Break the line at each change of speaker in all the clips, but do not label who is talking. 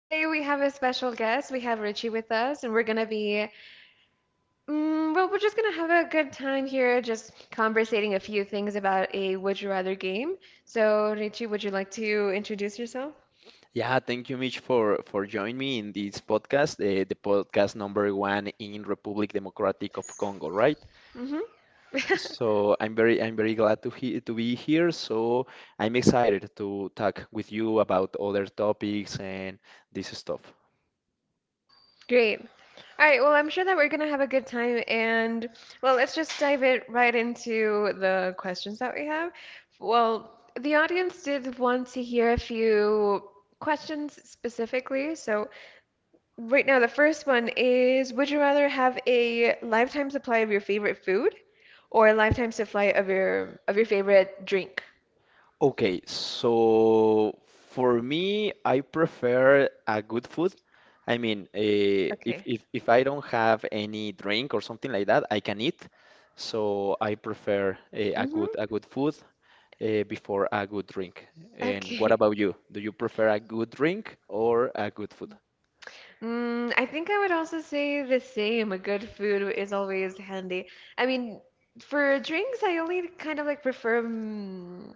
Today we have a special guest. We have Richie with us, and we're gonna be, well, we're just gonna have a good time here, just conversating a few things about a Would You Rather game. So, Richie, would you like to introduce yourself?
Yeah, thank you, Mitch, for joining me in this podcast, the podcast number one in Republic Democratic of Congo, right?
Mm-hmm.
So I'm very glad to he to be here. So I'm excited to talk with you about other topics and this stuff.
Great. All right, well, I'm sure that we're going to have a good time. And, well, let's just dive it right into the questions that we have. Well, the audience did want to hear a few questions specifically. So, right now, the first one is, would you rather have a lifetime supply of your favorite food or a lifetime supply of your favorite drink?
Okay, so for me, I prefer a good food. I mean, if,
Okay.
if if I don't have any drink or something like that, I can eat. So I prefer a good a
Mm-hmm.
good food before a good drink. And what
Okay.
about you? Do you prefer a good drink or a good food?
I think I would also say the same. A good food is always handy. I mean, for drinks, I only kind of like prefer mm,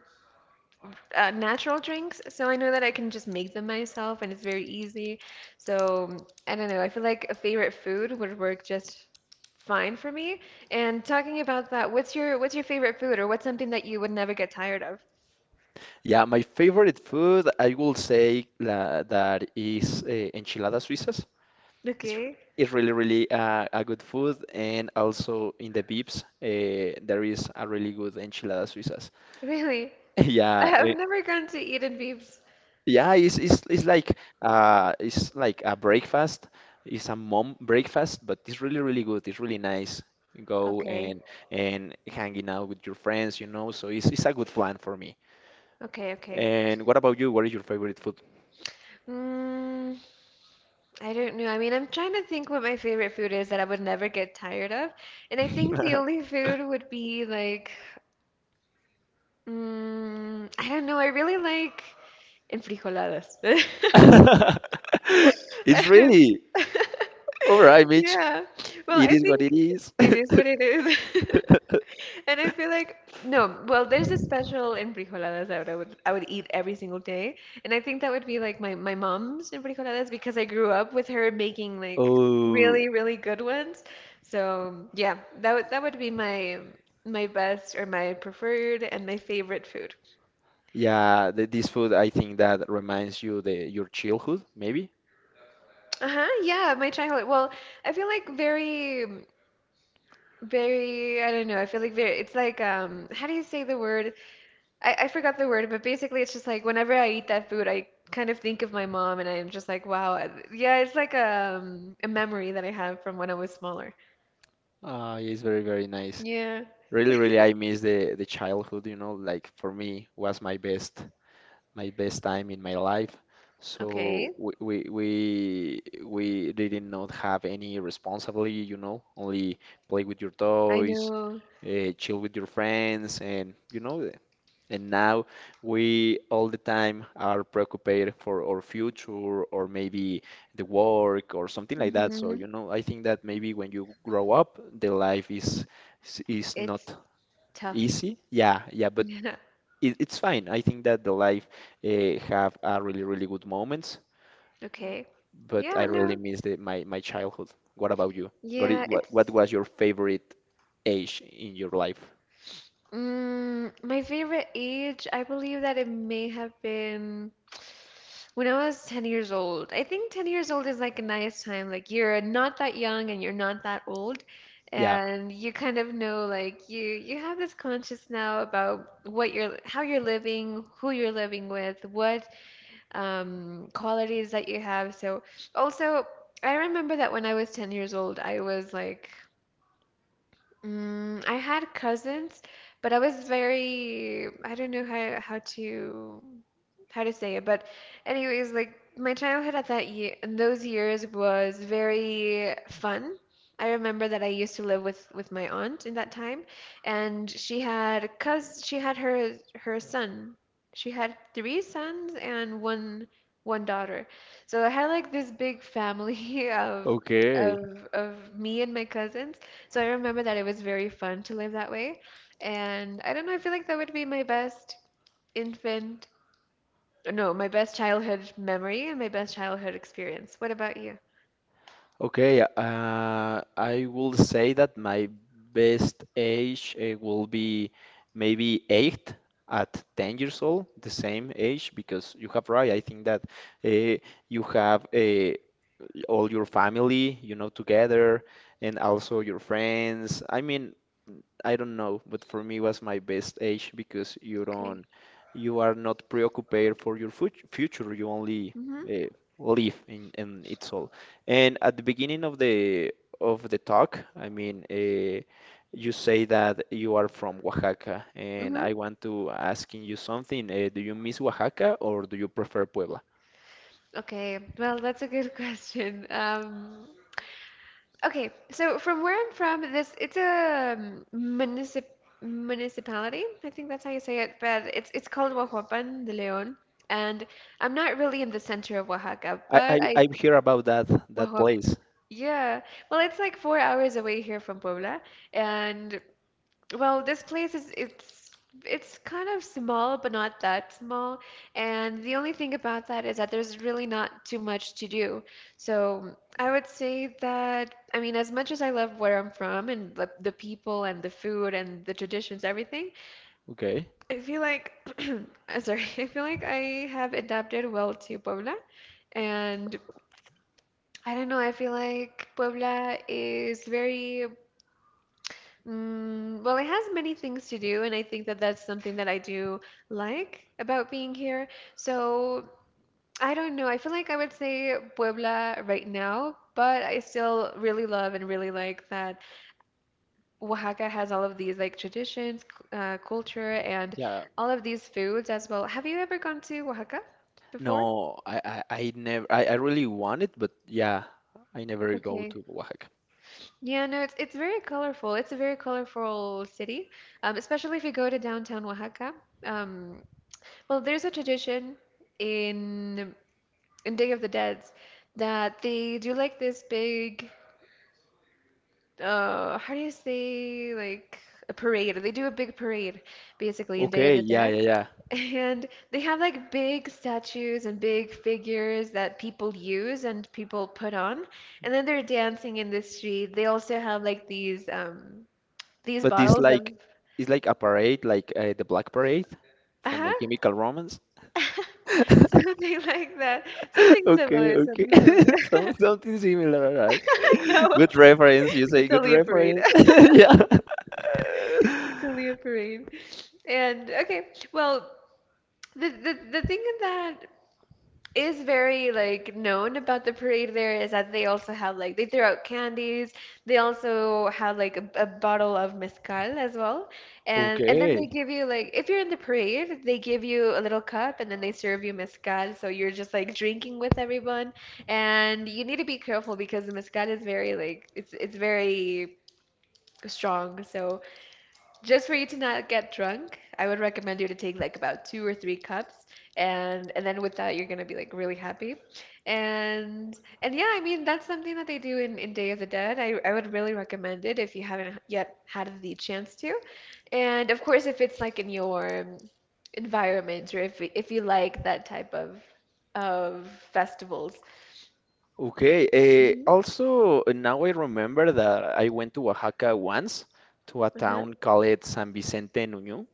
uh, natural drinks, so I know that I can just make them myself and it's very easy. So I don't know. I feel like a favorite food would work just fine for me. And talking about that, what's your favorite food or what's something that you would never get tired of?
Yeah, my favorite food, I will say la, that is enchiladas suizas. It's
Okay,
it's really really a good food, and also in the Vips, there is a really good enchilada suizas.
really?
Yeah,
I've never gone to Eat and Beeps.
yeah, it's like it's like a breakfast. It's a mom breakfast, but it's really really good. It's really nice. You go
Okay,
and hanging out with your friends, you know. So it's a good plan for me.
okay, okay.
And what about you? What is your favorite food?
Mm, I don't know. I mean, I'm trying to think what my favorite food is that I would never get tired of. And I think the only food would be like, I don't know. I really like enfrijoladas.
It's really all right, Mitch.
Yeah. Well,
It
I
is what it
think
is.
it is what it is. And I feel like no, well, there's a special enfrijoladas that I would eat every single day. And I think that would be like my mom's enfrijoladas because I grew up with her making like
Oh,
really, really good ones. So, yeah, that would be my best or my preferred and my favorite food.
yeah, this food, I think that reminds you the your childhood, maybe.
Uh-huh, yeah, my childhood. Well, I feel like very I don't know. I feel like very it's like how do you say the word? I forgot the word, but basically it's just like whenever I eat that food, I kind of think of my mom and I'm just like, wow. Yeah, it's like a memory that I have from when I was smaller.
It's very, very nice.
Yeah.
Really, really, I miss the childhood, you know, like for me was my best time in my life. So
Okay.
we didn't not have any responsibility, you know, only play with your
I
toys,
know.
chill with your friends, and you know. And now we all the time are preoccupied for our future or maybe the work or something like that. So,
Hmm.
you know, I think that maybe when you grow up, the life is not
It's tough.
easy. Yeah, yeah, but
Yeah.
it, it's fine. I think that the life have a really, really good moments,
Okay.
but I
Yeah,
really
no.
miss my my childhood. What about you? What,
Yeah,
what was your favorite age in your life?
My favorite age, I believe that it may have been when I was 10 years old. I think 10 years old is like a nice time. Like you're not that young and you're not that old,
Yeah.
and you kind of know like you have this conscious now about what you're how you're living, who you're living with, what qualities that you have. So also, I remember that when I was 10 years old, I was like I had cousins, but I was very, I don't know how to say it, but anyways, like my childhood at that year in those years was very fun. I remember that I used to live with my aunt in that time, and she had cous she had her her son. She had three sons and one daughter. So I had like this big family of
Okay.
me and my cousins. So I remember that it was very fun to live that way. And I don't know, I feel like that would be my best infant, no, my best childhood memory and my best childhood experience. What about you?
Okay, I will say that my best age will be maybe eight at 10 years old, the same age, because you have right. I think that uh, you have all your family, you know, together, and also your friends. I mean, I don't know, but for me was my best age because
Okay.
you are not preoccupied for your future. You only
Mm-hmm.
uh, live and it's all. And at the beginning of the talk, I mean, you say that you are from Oaxaca, and
Mm-hmm.
I want to asking you something. Do you miss Oaxaca or do you prefer Puebla?
Okay. Well, that's a good question. Okay. So from where I'm from, this it's a municipality. I think that's how you say it, but it's called Huajuapan de León. And I'm not really in the center of Oaxaca,
I
but I
I've heard about that
Wahop.
place.
Yeah. Well, it's like 4 hours away here from Puebla, and well, this place is it's kind of small, but not that small. And the only thing about that is that there's really not too much to do. So I would say that I mean, as much as I love where I'm from and the people and the food and the traditions, everything,
Okay.
I feel like I feel like I have adapted well to Puebla. And I don't know. I feel like Puebla is very, well, it has many things to do, and I think that that's something that I do like about being here. So I don't know. I feel like I would say Puebla right now, but I still really love and really like that Oaxaca has all of these like traditions, culture, and
Yeah.
all of these foods as well. Have you ever gone to Oaxaca before?
No, I never, I really want it, but yeah, I never go
Okay.
to Oaxaca.
Yeah, no, it's very colorful. It's a very colorful city, especially if you go to downtown Oaxaca. Um, well, there's a tradition in in Day of the Dead that they do like this big, how do you say, like a parade. They do a big parade, basically, in Day of
Okay,
the
yeah,
Dead.
yeah, yeah.
And they have like big statues and big figures that people use and people put on. And then they're dancing in the street. They also have like these
But
bottles of.
it's like a parade, like the Black Parade from
Uh-huh.
My Chemical Romance.
Something like that. Something
Okay,
similar,
okay.
something similar.
Something similar, all right?
No,
Good reference, you
it's
say
only a
good
parade.
reference. Yeah.
It's only a parade. And okay, well, the thing that is very like known about the parade there is that they also have like they throw out candies. They also have like a bottle of mezcal as well. And then they
Okay.
give you like if you're in the parade, they give you a little cup and then they serve you mezcal, so you're just like drinking with everyone. And you need to be careful because the mezcal is very like it's very strong. So just for you to not get drunk, I would recommend you to take like about two or three cups, and then with that you're gonna be like really happy, and yeah, I mean that's something that they do in Day of the Dead. I would really recommend it if you haven't yet had the chance to, and of course if it's like in your environment or if you like that type of of festivals.
Okay.
Hmm.
Also, now I remember that I went to Oaxaca once to a
Uh-huh.
town called San Vicente Nuño.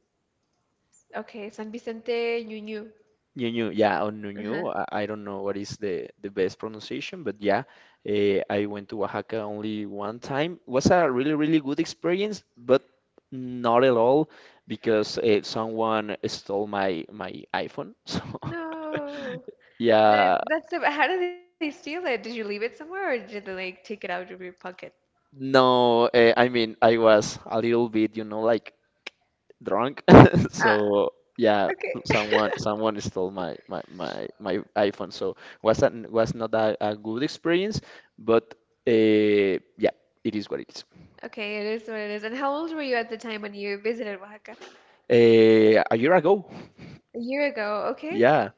Okay, San Vicente, Ñu Ñu.
Nuño, yeah, on
Uh-huh.
Nuño. I don't know what is the best pronunciation, but yeah, I went to Oaxaca only one time. Was a really, really good experience, but not at all because someone stole my iPhone. So
No. That,
yeah,
that's the, how did they steal it? Did you leave it somewhere or did they like take it out of your pocket?
no, I mean, I was a little bit, you know, like drunk.
Ah,
So yeah,
okay.
someone someone stole my iPhone. So was not a, a good experience, but yeah, it is what it is.
Okay, it is what it is. And how old were you at the time when you visited Oaxaca?
A year ago,
A year ago. Okay.
yeah.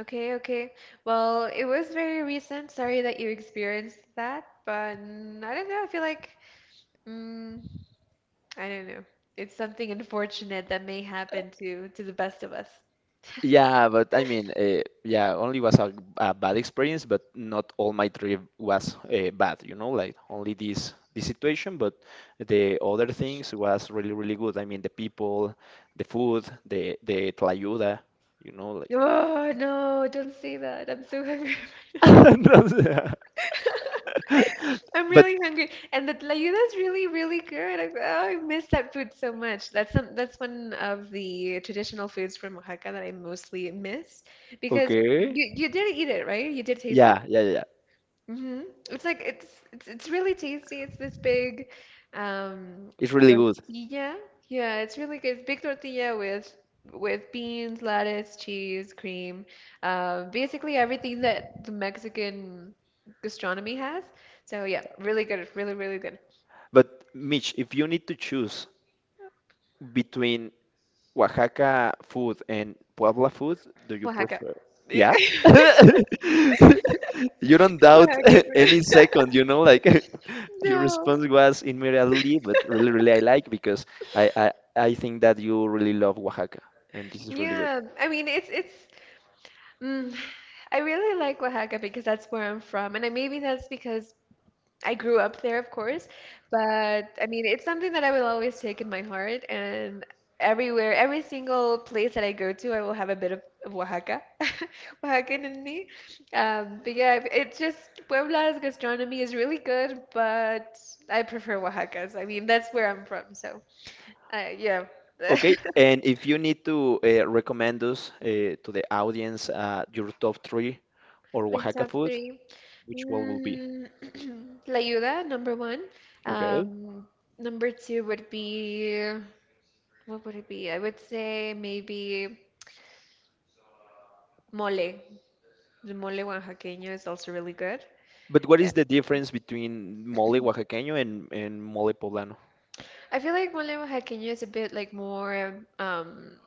Okay, okay. Well, it was very recent. Sorry that you experienced that, but I don't know. I feel like mm, I don't know. It's something unfortunate that may happen to the best of us.
Yeah, but I mean, yeah, only was a bad experience, but not all my trip was bad, you know, like only this situation, but the other things was really, really good. I mean, the people, the food, the tlayuda, you know, like.
Oh, no, don't say that. I'm so hungry.
No sé.
I'm
But
really hungry, and the tlayuda is really, really good. Oh, I miss that food so much. That's one of the traditional foods from Oaxaca that I mostly miss because
okay,
you did eat it, right? You did taste it?
yeah, yeah, yeah,
hmm It's like it's really tasty. It's this big um
it's really good.
tortilla. Yeah, it's really good. It's big tortilla with beans, lettuce, cheese, cream, basically everything that the Mexican gastronomy has. So yeah, really good. Really, really good.
But Mitch, if you need to choose between Oaxaca food and Puebla food, do you
Oaxaca.
prefer?
Yeah.
Yeah? You don't doubt
Oaxaca food.
any second, you know, like your
No.
response was immediately, but really, really I like because I think that you really love Oaxaca and this is really good.
Yeah, I mean it's mm, I really like Oaxaca because that's where I'm from, and maybe that's because I grew up there, of course, but I mean, it's something that I will always take in my heart. And everywhere, every single place that I go to, I will have a bit of Oaxaca, Oaxacan in me. But yeah, it's just Puebla's gastronomy is really good, but I prefer Oaxaca's. I mean, that's where I'm from, so yeah.
Okay, and if you need to recommend us to the audience your top three or
My
Oaxaca
top
food,
three.
which one will be?
Mm, La Ayuda, #1.
Okay.
Um, number two would be. What would it be? I would say maybe mole. The mole oaxaqueño is also really good.
But what
Yeah.
is the difference between mole oaxaqueño and mole poblano?
I feel like mole oaxaqueño is a bit like more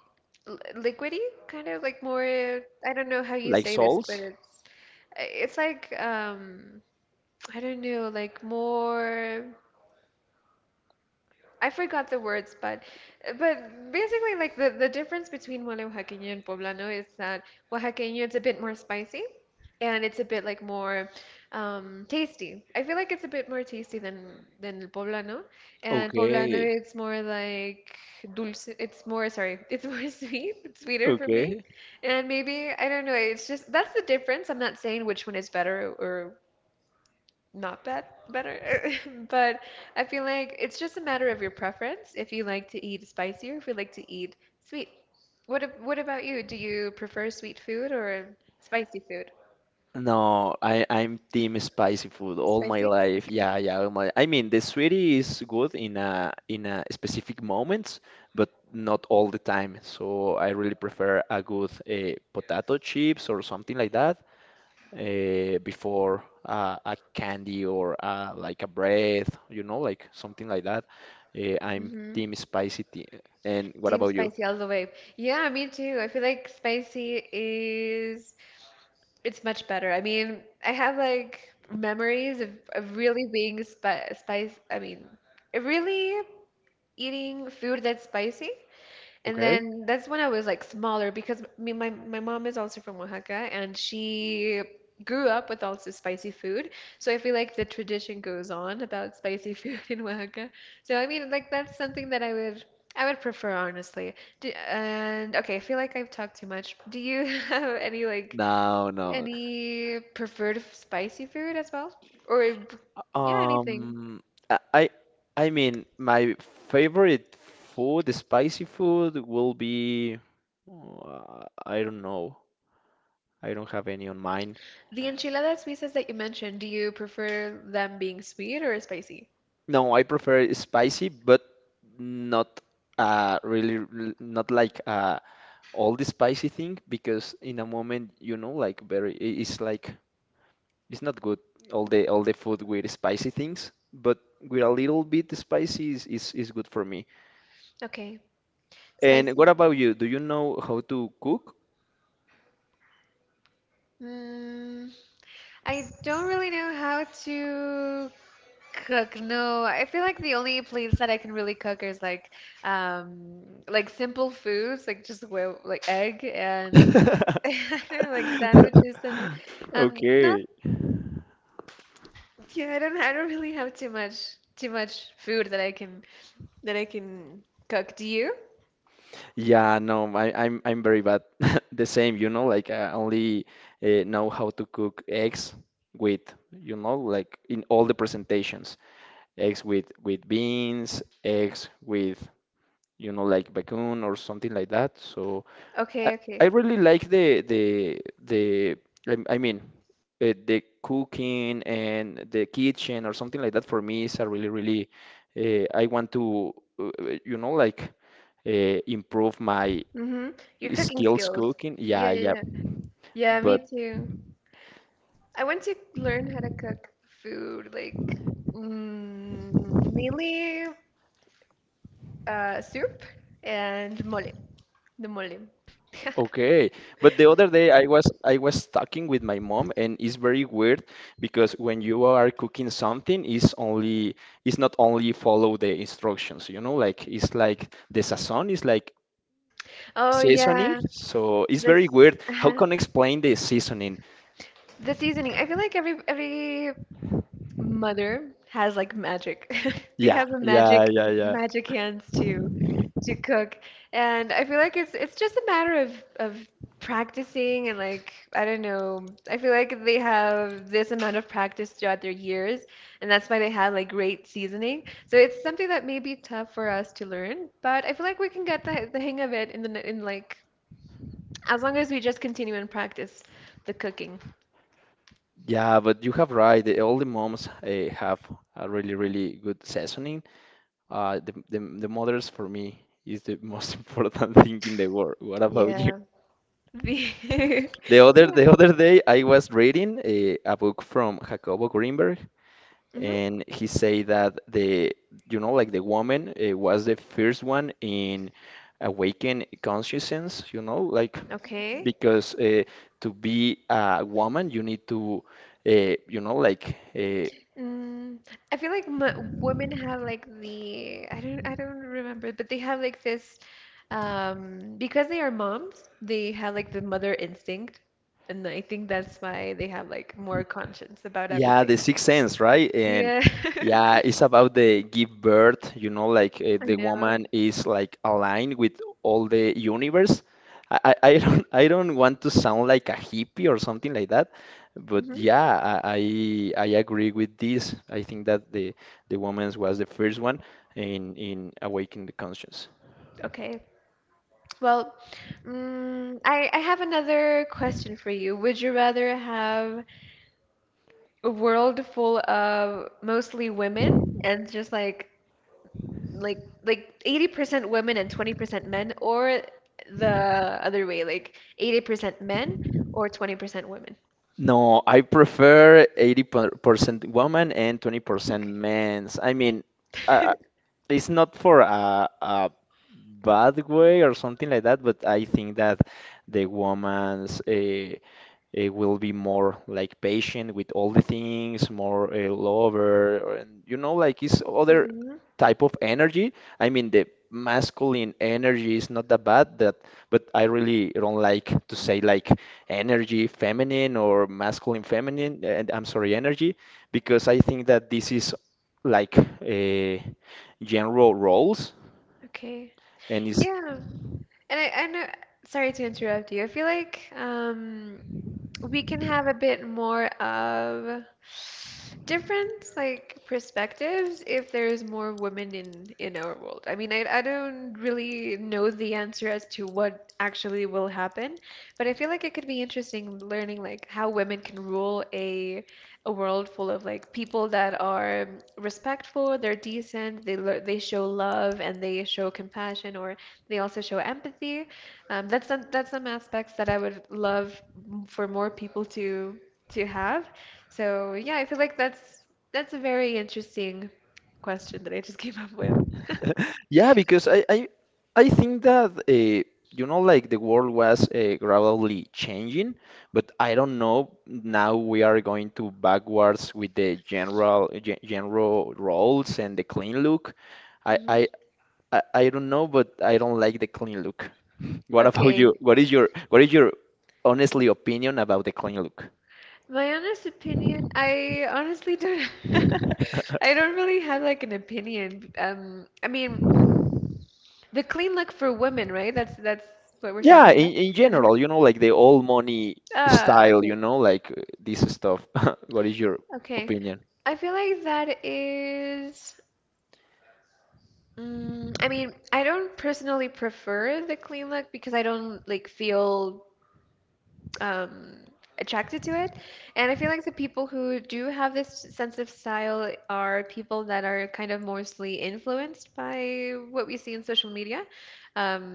liquidy, kind of like more I don't know how you
Like
say this, but
salts?
it's like I don't know, like more I forgot the words, but basically like the difference between mole oaxaqueño and poblano is that oaxaqueño it's a bit more spicy and it's a bit like more tasty. I feel like it's a bit more tasty than el poblano, and poblano
Okay,
it's more like dulce. It's more sorry, it's more sweet. It's sweeter for me,
okay.
and maybe I don't know. It's just that's the difference. I'm not saying which one is better or not bad, better. But I feel like it's just a matter of your preference if you like to eat spicy or if you like to eat sweet. What about you? Do you prefer sweet food or spicy food?
No, I'm team spicy food all my
Spicy?
life.
Okay.
Yeah, yeah. All my, I mean, the sweetie is good in a specific moments, but not all the time. So I really prefer a good potato chips or something like that before a candy or like a bread, you know, like something like that. I'm
Mm-hmm.
team spicy tea. And what
Team
about you?
spicy all the way. Yeah, me too. I feel like spicy is it's much better. I mean, I have like memories of really being spice. I mean, really eating food that's spicy. And
Okay.
then that's when I was like smaller because me, my mom is also from Oaxaca and she grew up with also spicy food. So I feel like the tradition goes on about spicy food in Oaxaca. So I mean like that's something that I would prefer honestly. And okay, I feel like I've talked too much. Do you have any like
No, no.
any preferred spicy food as well? Or yeah, anything.
Um, I I mean, my favorite food, the spicy food, will be, I don't know. I don't have any on mind.
The enchiladas suizas that you mentioned, do you prefer them being sweet or spicy?
No, I prefer it spicy, but not really not like all the spicy thing because in a moment, you know, like very it's like it's not good all the food with spicy things, but with a little bit spicy is good for me.
Okay.
And what
Spicy.
about you? Do you know how to cook?
Mm, I don't really know how to cook. No, I feel like the only plates that I can really cook is like simple foods, like just well, like egg and I don't know, like sandwiches and not
Okay.
yeah, I don't really have too much food that I can cook. Do you?
Yeah, no, I'm very bad. The same, you know, like I only know how to cook eggs with, you know, like in all the presentations, eggs with beans, eggs with, you know, like bacon or something like that. So I,
Okay,
I
okay.
really like the I mean the cooking and the kitchen or something like that for me is a really really I want to you know like improve my
Mm-hmm. Your cooking
skills
skills.
cooking.
Yeah,
Yeah,
yeah,
yeah.
yeah. Yeah,
But
me too. I want to learn how to cook food, like mainly soup and mole, the mole.
okay. But the other day I was talking with my mom and it's very weird because when you are cooking something it's only it's not only follow the instructions, you know, like it's like the sazon is like
Oh
seasoning.
yeah,
So it's very
this
weird. How
uh,
can I explain the seasoning?
the seasoning. I feel like every mother has like magic. They
Yeah,
have the
yeah,
magic
yeah, yeah.
magic hands to cook. And I feel like it's just a matter of practicing and like I don't know. I feel like they have this amount of practice throughout their years, and that's why they have like great seasoning. So it's something that may be tough for us to learn, but I feel like we can get the hang of it in like as long as we just continue and practice the cooking.
Yeah, but you have right. The, all the moms have a really, really good seasoning. The mothers for me is the most important thing in the world. What about you?
Yeah. The
The other day I was reading a book from Jacobo Greenberg,
yeah.
and he say that the you know like the woman was the first one in awaken consciousness. You know like
Okay.
because to be a woman, you need to, you know, like, uh,
Mm, I feel like m women have like the I don't remember, but they have like this because they are moms, they have like the mother instinct, and I think that's why they have like more conscience about
yeah,
everything.
the sixth sense, right? And
Yeah.
yeah, it's about the give birth, you know, like
I
the
know.
woman is like aligned with all the universe. I don't want to sound like a hippie or something like that, but
Hmm.
yeah, I agree with this. I think that the woman's was the first one in awakening the conscience.
Okay. Well, I have another question for you. Would you rather have a world full of mostly women and just like 80% women and 20% men, or the other way, like 80% men or 20% women?
No, I prefer 80% women and 20%
Okay.
men's. I mean, uh, it's not for a bad way or something like that, but I think that the woman's will be more like patient with all the things, more lover, or- and you know, like it's other
Hmm.
type of energy. I mean, the masculine energy is not that bad, that but I really don't like to say like energy feminine or masculine feminine, and I'm sorry, energy, because I think that this is like a general roles
Okay.
and it's
Yeah, and I know, sorry to interrupt you, I feel like we can have a bit more of different like perspectives if there's more women in our world. I mean, I don't really know the answer as to what actually will happen, but I feel like it could be interesting learning like how women can rule a world full of like people that are respectful, they're decent, they show love and they show compassion or they also show empathy. That's some aspects that I would love for more people to have. So yeah, I feel like that's a very interesting question that I just came up with.
yeah, because I think that you know like the world was gradually changing, but I don't know now we are going to backwards with the general general roles and the clean look. I, I
Mhm.
I don't know, but I don't like the clean look. What about you?
Okay.
What is your honestly opinion about the clean look?
My honest opinion, I honestly don't I don't really have like an opinion. I mean, the clean look for women, right? That's what we're
Yeah,
talking about.
in
Uh-huh.
general, you know, like the old money
Ah,
style, you
okay.
know, like this stuff. What is your
Okay.
opinion?
I feel like that is. I mean, I don't personally prefer the clean look because I don't like feel um, attracted to it. And I feel like the people who do have this sense of style are people that are kind of mostly influenced by what we see in social media.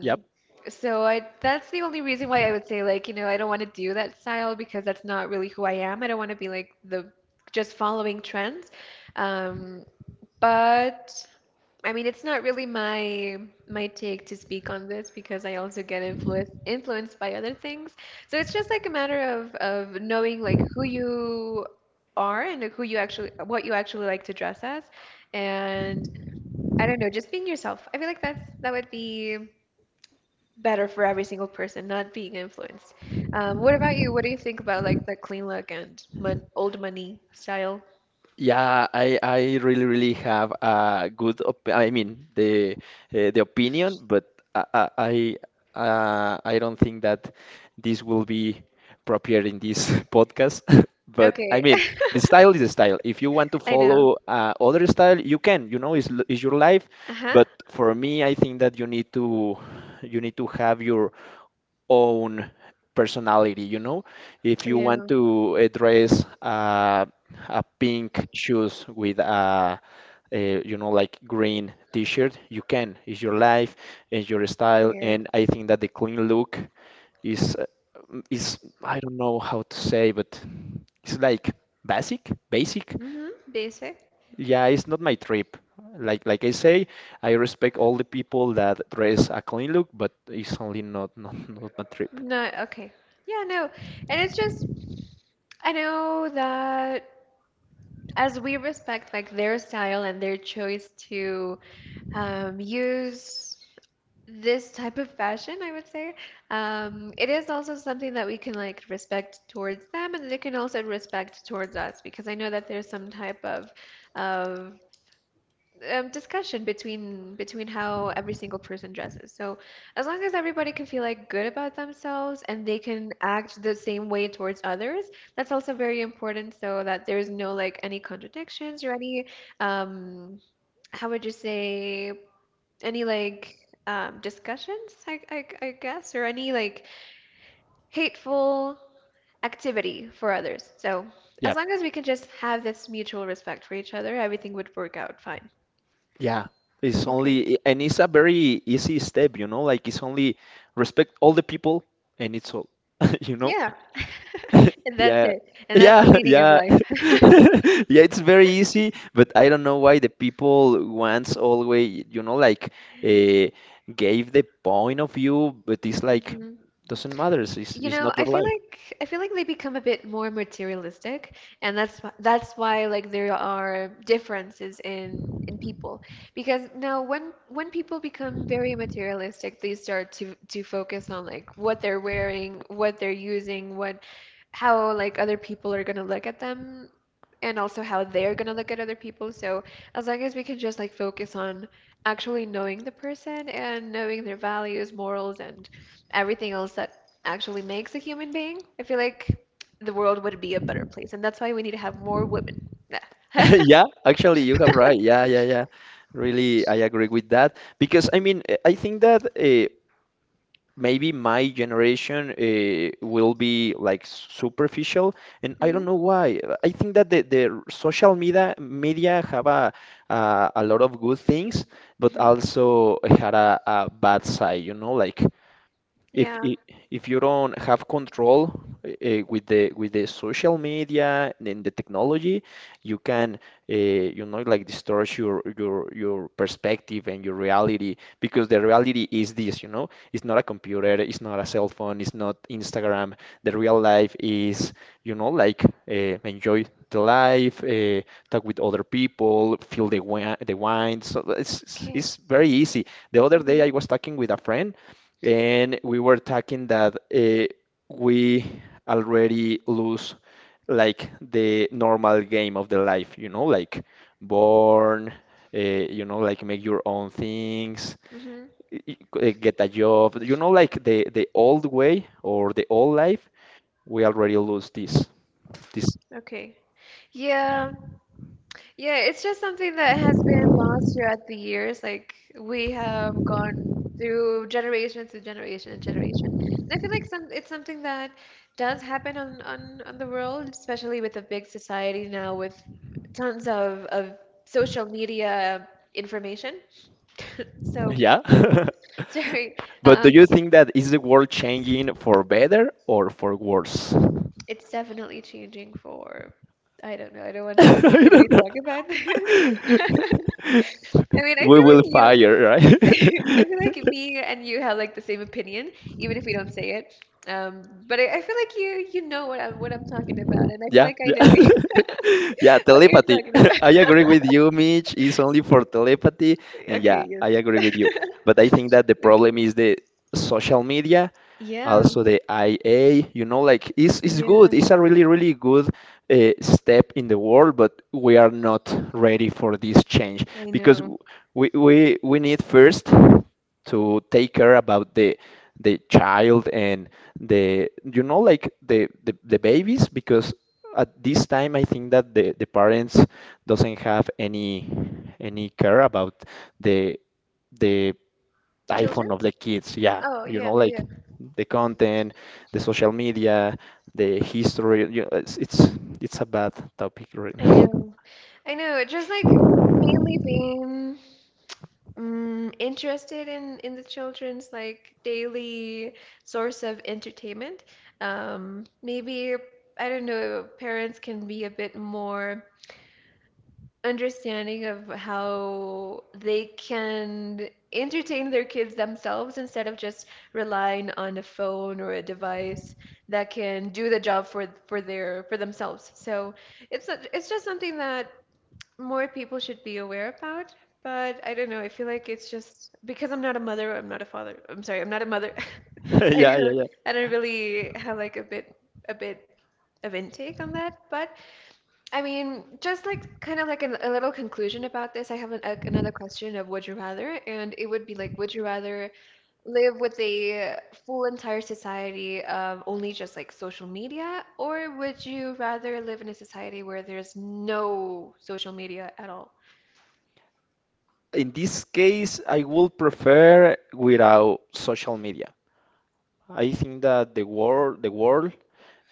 Yep.
so that's the only reason why I would say like, I don't want to do that style because that's not really who I am. I don't want to be like the just following trends. Um, but I mean, it's not really my take to speak on this because I also get influenced by other things. So it's just like a matter of knowing like who you are and who you actually what you actually like to dress as, and I don't know, just being yourself. I feel like that would be better for every single person, not being influenced. What about you? What do you think about like the clean look and mon old money style?
Yeah, I really really have a good op I mean the opinion, but I I I, I don't think that this will be proper in this podcast. But I
Okay,
mean, the style is the style. If you want to
I know.
follow other style, you can. You know, it's your life.
Uh-huh.
But for me, I think that you need to have your own personality, you know? If
I
you want
know.
to dress a pink shoes with a you know like green t-shirt, you can. It's your life, it's your style,
Yeah.
and I think that the clean look is is I don't know how to say, but it's like basic, basic.
Mm-hmm. Basic.
Yeah, it's not my trip. Like I say, I respect all the people that dress a clean look, but it's only not not my trip.
No, okay. Yeah, no. And it's just, I know that as we respect like their style and their choice to use this type of fashion, I would say, it is also something that we can like respect towards them, and they can also respect towards us because I know that there's some type of discussion between how every single person dresses. So as long as everybody can feel like good about themselves and they can act the same way towards others, that's also very important. So that there's no like any contradictions or any um, how would you say any like discussions, I guess, or any like hateful activity for others. So as
Yeah.
long as we can just have this mutual respect for each other, everything would work out fine.
Yeah, it's
Okay.
only, and it's a very easy step, you know, like it's only respect all the people and it's all, you know?
Yeah. And that's
Yeah,
it. And that's the
yeah,
meaning of
yeah.
life.
Yeah, it's very easy, but I don't know why the people once always, you know, like uh, gave the point of view, but it's like
Mhm.
doesn't matter. It's,
You
it's
know,
not
I
your
feel
life.
like I feel like they become a bit more materialistic, and that's why like there are differences in people. Because now when people become very materialistic, they start to focus on like what they're wearing, what they're using, what how like other people are gonna look at them, and also how they're gonna look at other people. So as long as we can just like focus on actually knowing the person and knowing their values, morals, and everything else that actually makes a human being, I feel like the world would be a better place. And that's why we need to have more women. Nah.
Yeah, actually, you have right. Yeah, yeah, yeah. Really, I agree with that because I mean, I think that maybe my generation will be like superficial, and I don't
Hmm.
know why. I think that the social media have a lot of good things, but
Hmm.
also had a bad side, you know, like if
Yeah.
i- if you don't have control with the social media and the technology, you can uh, you know like distort your perspective and your reality because the reality is this, you know, it's not a computer, it's not a cell phone, it's not Instagram. The real life is, you know, like enjoy the life, talk with other people, feel the wine, the wine. So it's it's
Okay.
it's very easy. The other day
Hmm.
I was talking with a friend and we were talking that we already lose like the normal game of the life, you know, like born, you know, like make your own things,
Hmm.
get a job, you know, like the old way or the old life. We already lose this. This,
Okay. Yeah. Yeah, it's just something that has been lost throughout the years. Like we have gone through generation to generation and generation. And I feel like some it's something that does happen on the world, especially with a big society now with tons of social media information. So,
yeah.
sorry.
But do
Um,
you think that is the world changing for better or for worse?
it's definitely changing for, I don't know, I don't want to say,
I
can we
don't know.
talk about this? I mean, I
We
feel like
will
you
fire, right?
I feel like me and you have like the same opinion, even if we don't say it. Um, but I feel like you know what I'm talking about, and I feel
Yeah,
like I know what
yeah,
you-
yeah.
what you're
Telepathy.
talking about.
I agree with you, Mitch. It's only for telepathy, and yeah,
Okay,
I
yes.
agree with you. But I think that the problem
Okay.
is the social media,
Yeah,
also the IA, you know, like it's good.
yeah,
It's a really, really good step in the world, but we are not ready for this change
I
because w-
know.
we need first to take care about the child and the you know like the the babies because at this time I think that the parents doesn't have any care about the the
Children?
iPhone of the kids. Yeah,
Oh,
you know,
yeah,
like
yeah.
the content, the social media, the history. You it's a bad topic right
I
now.
know. I know. Just like mainly being interested in the children's like daily source of entertainment. Maybe I don't know, parents can be a bit more understanding of how they can entertain their kids themselves instead of just relying on a phone or a device that can do the job for themselves. So it's not- it's just something that more people should be aware about, but I don't know. I feel like it's just because I'm not a mother, I'm not a father. I'm sorry, I'm not a mother. I
Yeah, yeah,
don't
yeah.
I don't really have like a bit of intake on that. But I mean, just like kind of like a little conclusion about this, I have another question of would you rather, and it would be like, would you rather live with a full entire society of only just like social media, or would you rather live in a society where there's no social media at all?
In this case, I would prefer without social media. I think that the world,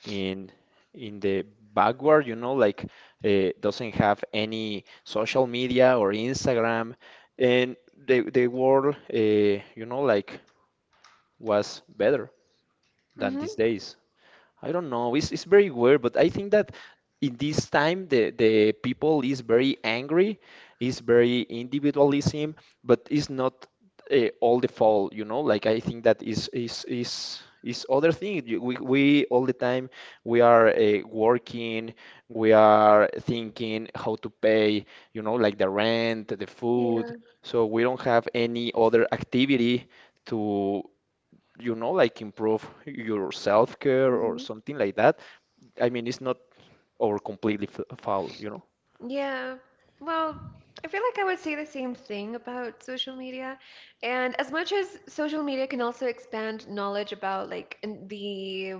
in in the backward, you know, like doesn't have any social media or Instagram, and the world, you know, like was better than
Mm-hmm.
these days. I don't know. It's very weird, but I think that in this time the people is very angry, is very individualism, but it's not all the fault, you know? Like I think that is is other thing. You- We all the time we are working, we are thinking how to pay, you know, like the rent, the
Yeah.
food. So we don't have any other activity to you know, like improve your self-care or
Mm-hmm.
something like that. I mean, it's not or completely f foul, you know?
Yeah. Well, I feel like I would say the same thing about social media. And as much as social media can also expand knowledge about like in the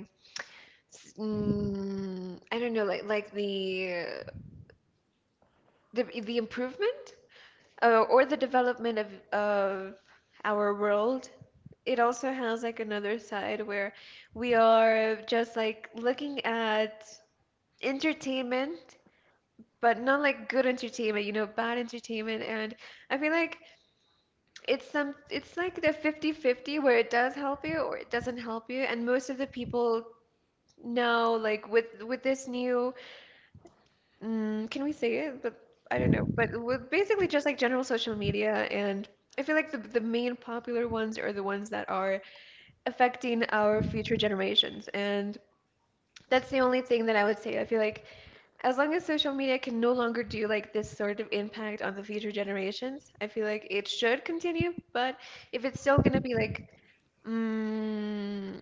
I don't know, like the improvement or the development of our world, it also has like another side where we are just like looking at entertainment but not like good entertainment, bad entertainment. And I feel like it's like the 50-50 where it does help you or it doesn't help you. And most of the people now, like with this new, can we say it? But I don't know. But with basically just like general social media and I feel like the main popular ones are the ones that are affecting our future generations. And that's the only thing that I would say. I feel like as long as social media can no longer do like this sort of impact on the future generations, I feel like it should continue. But if it's still gonna be like mm,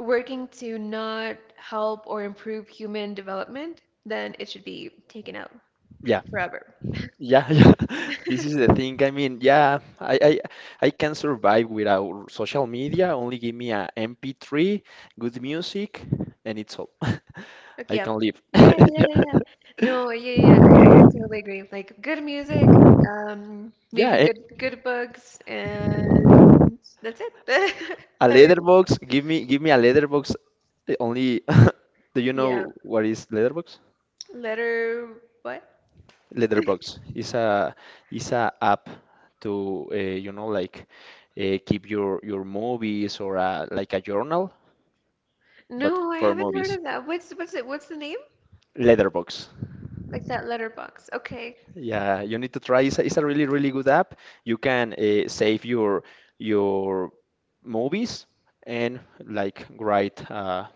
working to not help or improve human development, then it should be taken out
Yeah,
forever.
yeah, yeah. This is the thing. I mean, yeah, I can survive without social media. Only give me a MP3, good music, and it's all.
Like,
I
yeah.
can live.
Yeah, yeah, yeah. Yeah. No, yeah, yeah, yeah, I totally agree. Like good music, maybe
Yeah,
good books,
yeah.
and that's it.
A
I don't,
letterbox. Give me a letterbox. The Only. Do you
yeah.
know what is letterbox?
Letter what?
Letterbox is a app to you know like keep your movies or like a journal, but
No, I
for
haven't heard
movies.
of that. What's it? What's the name?
Letterbox.
Like that letterbox. Okay.
Yeah, you need to try. It's a really really good app. You can save your movies and like write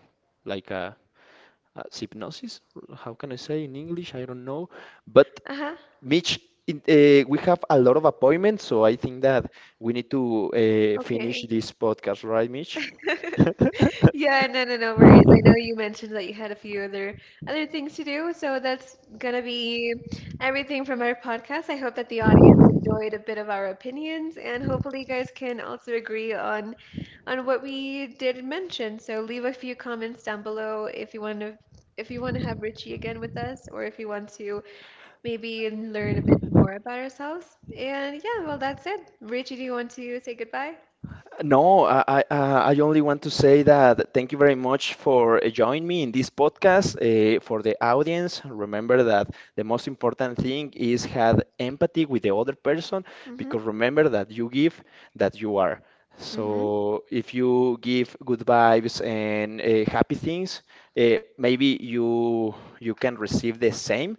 like a synopsis. How can I say in English? I don't know, but
Uh-huh.
Mitch, it, we have a lot of appointments, so I think that we need to finish
Okay.
this podcast, right, Mitch?
Yeah, no, no, no worries. I know you mentioned that you had a few other things to do, so that's gonna be everything from our podcast. I hope that the audience enjoyed a bit of our opinions, and hopefully you guys can also agree on what we did mention. So leave a few comments down below if you want to have Richie again with us, or if you want to maybe learn a bit more about ourselves. And yeah, well, that's it. Richie, do you want to say goodbye?
No, I only want to say that thank you very much for joining me in this podcast. For the audience, remember that the most important thing is have empathy with the other person
Mm-hmm.
because remember that that you are.
Mm-hmm.
So if you give good vibes and happy things, maybe you can receive the same,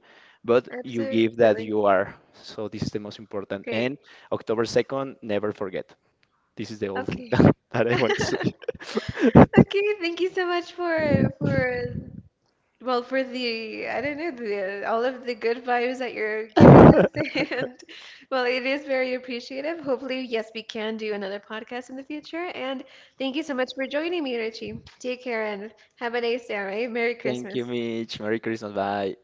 but you give
Absolutely.
that you are. So this is the most important.
Great.
And October 2nd, never forget. This is the only thing
Okay.
that I want to say.
Okay, thank you so much for well for the I don't know the all of the good vibes that you're giving us and well it is very appreciative. Hopefully, yes, we can do another podcast in the future. And thank you so much for joining me, Richie. Take care and have a nice day, all right? Merry
Thank you,
Christmas.
Mitch. Merry Christmas. Bye.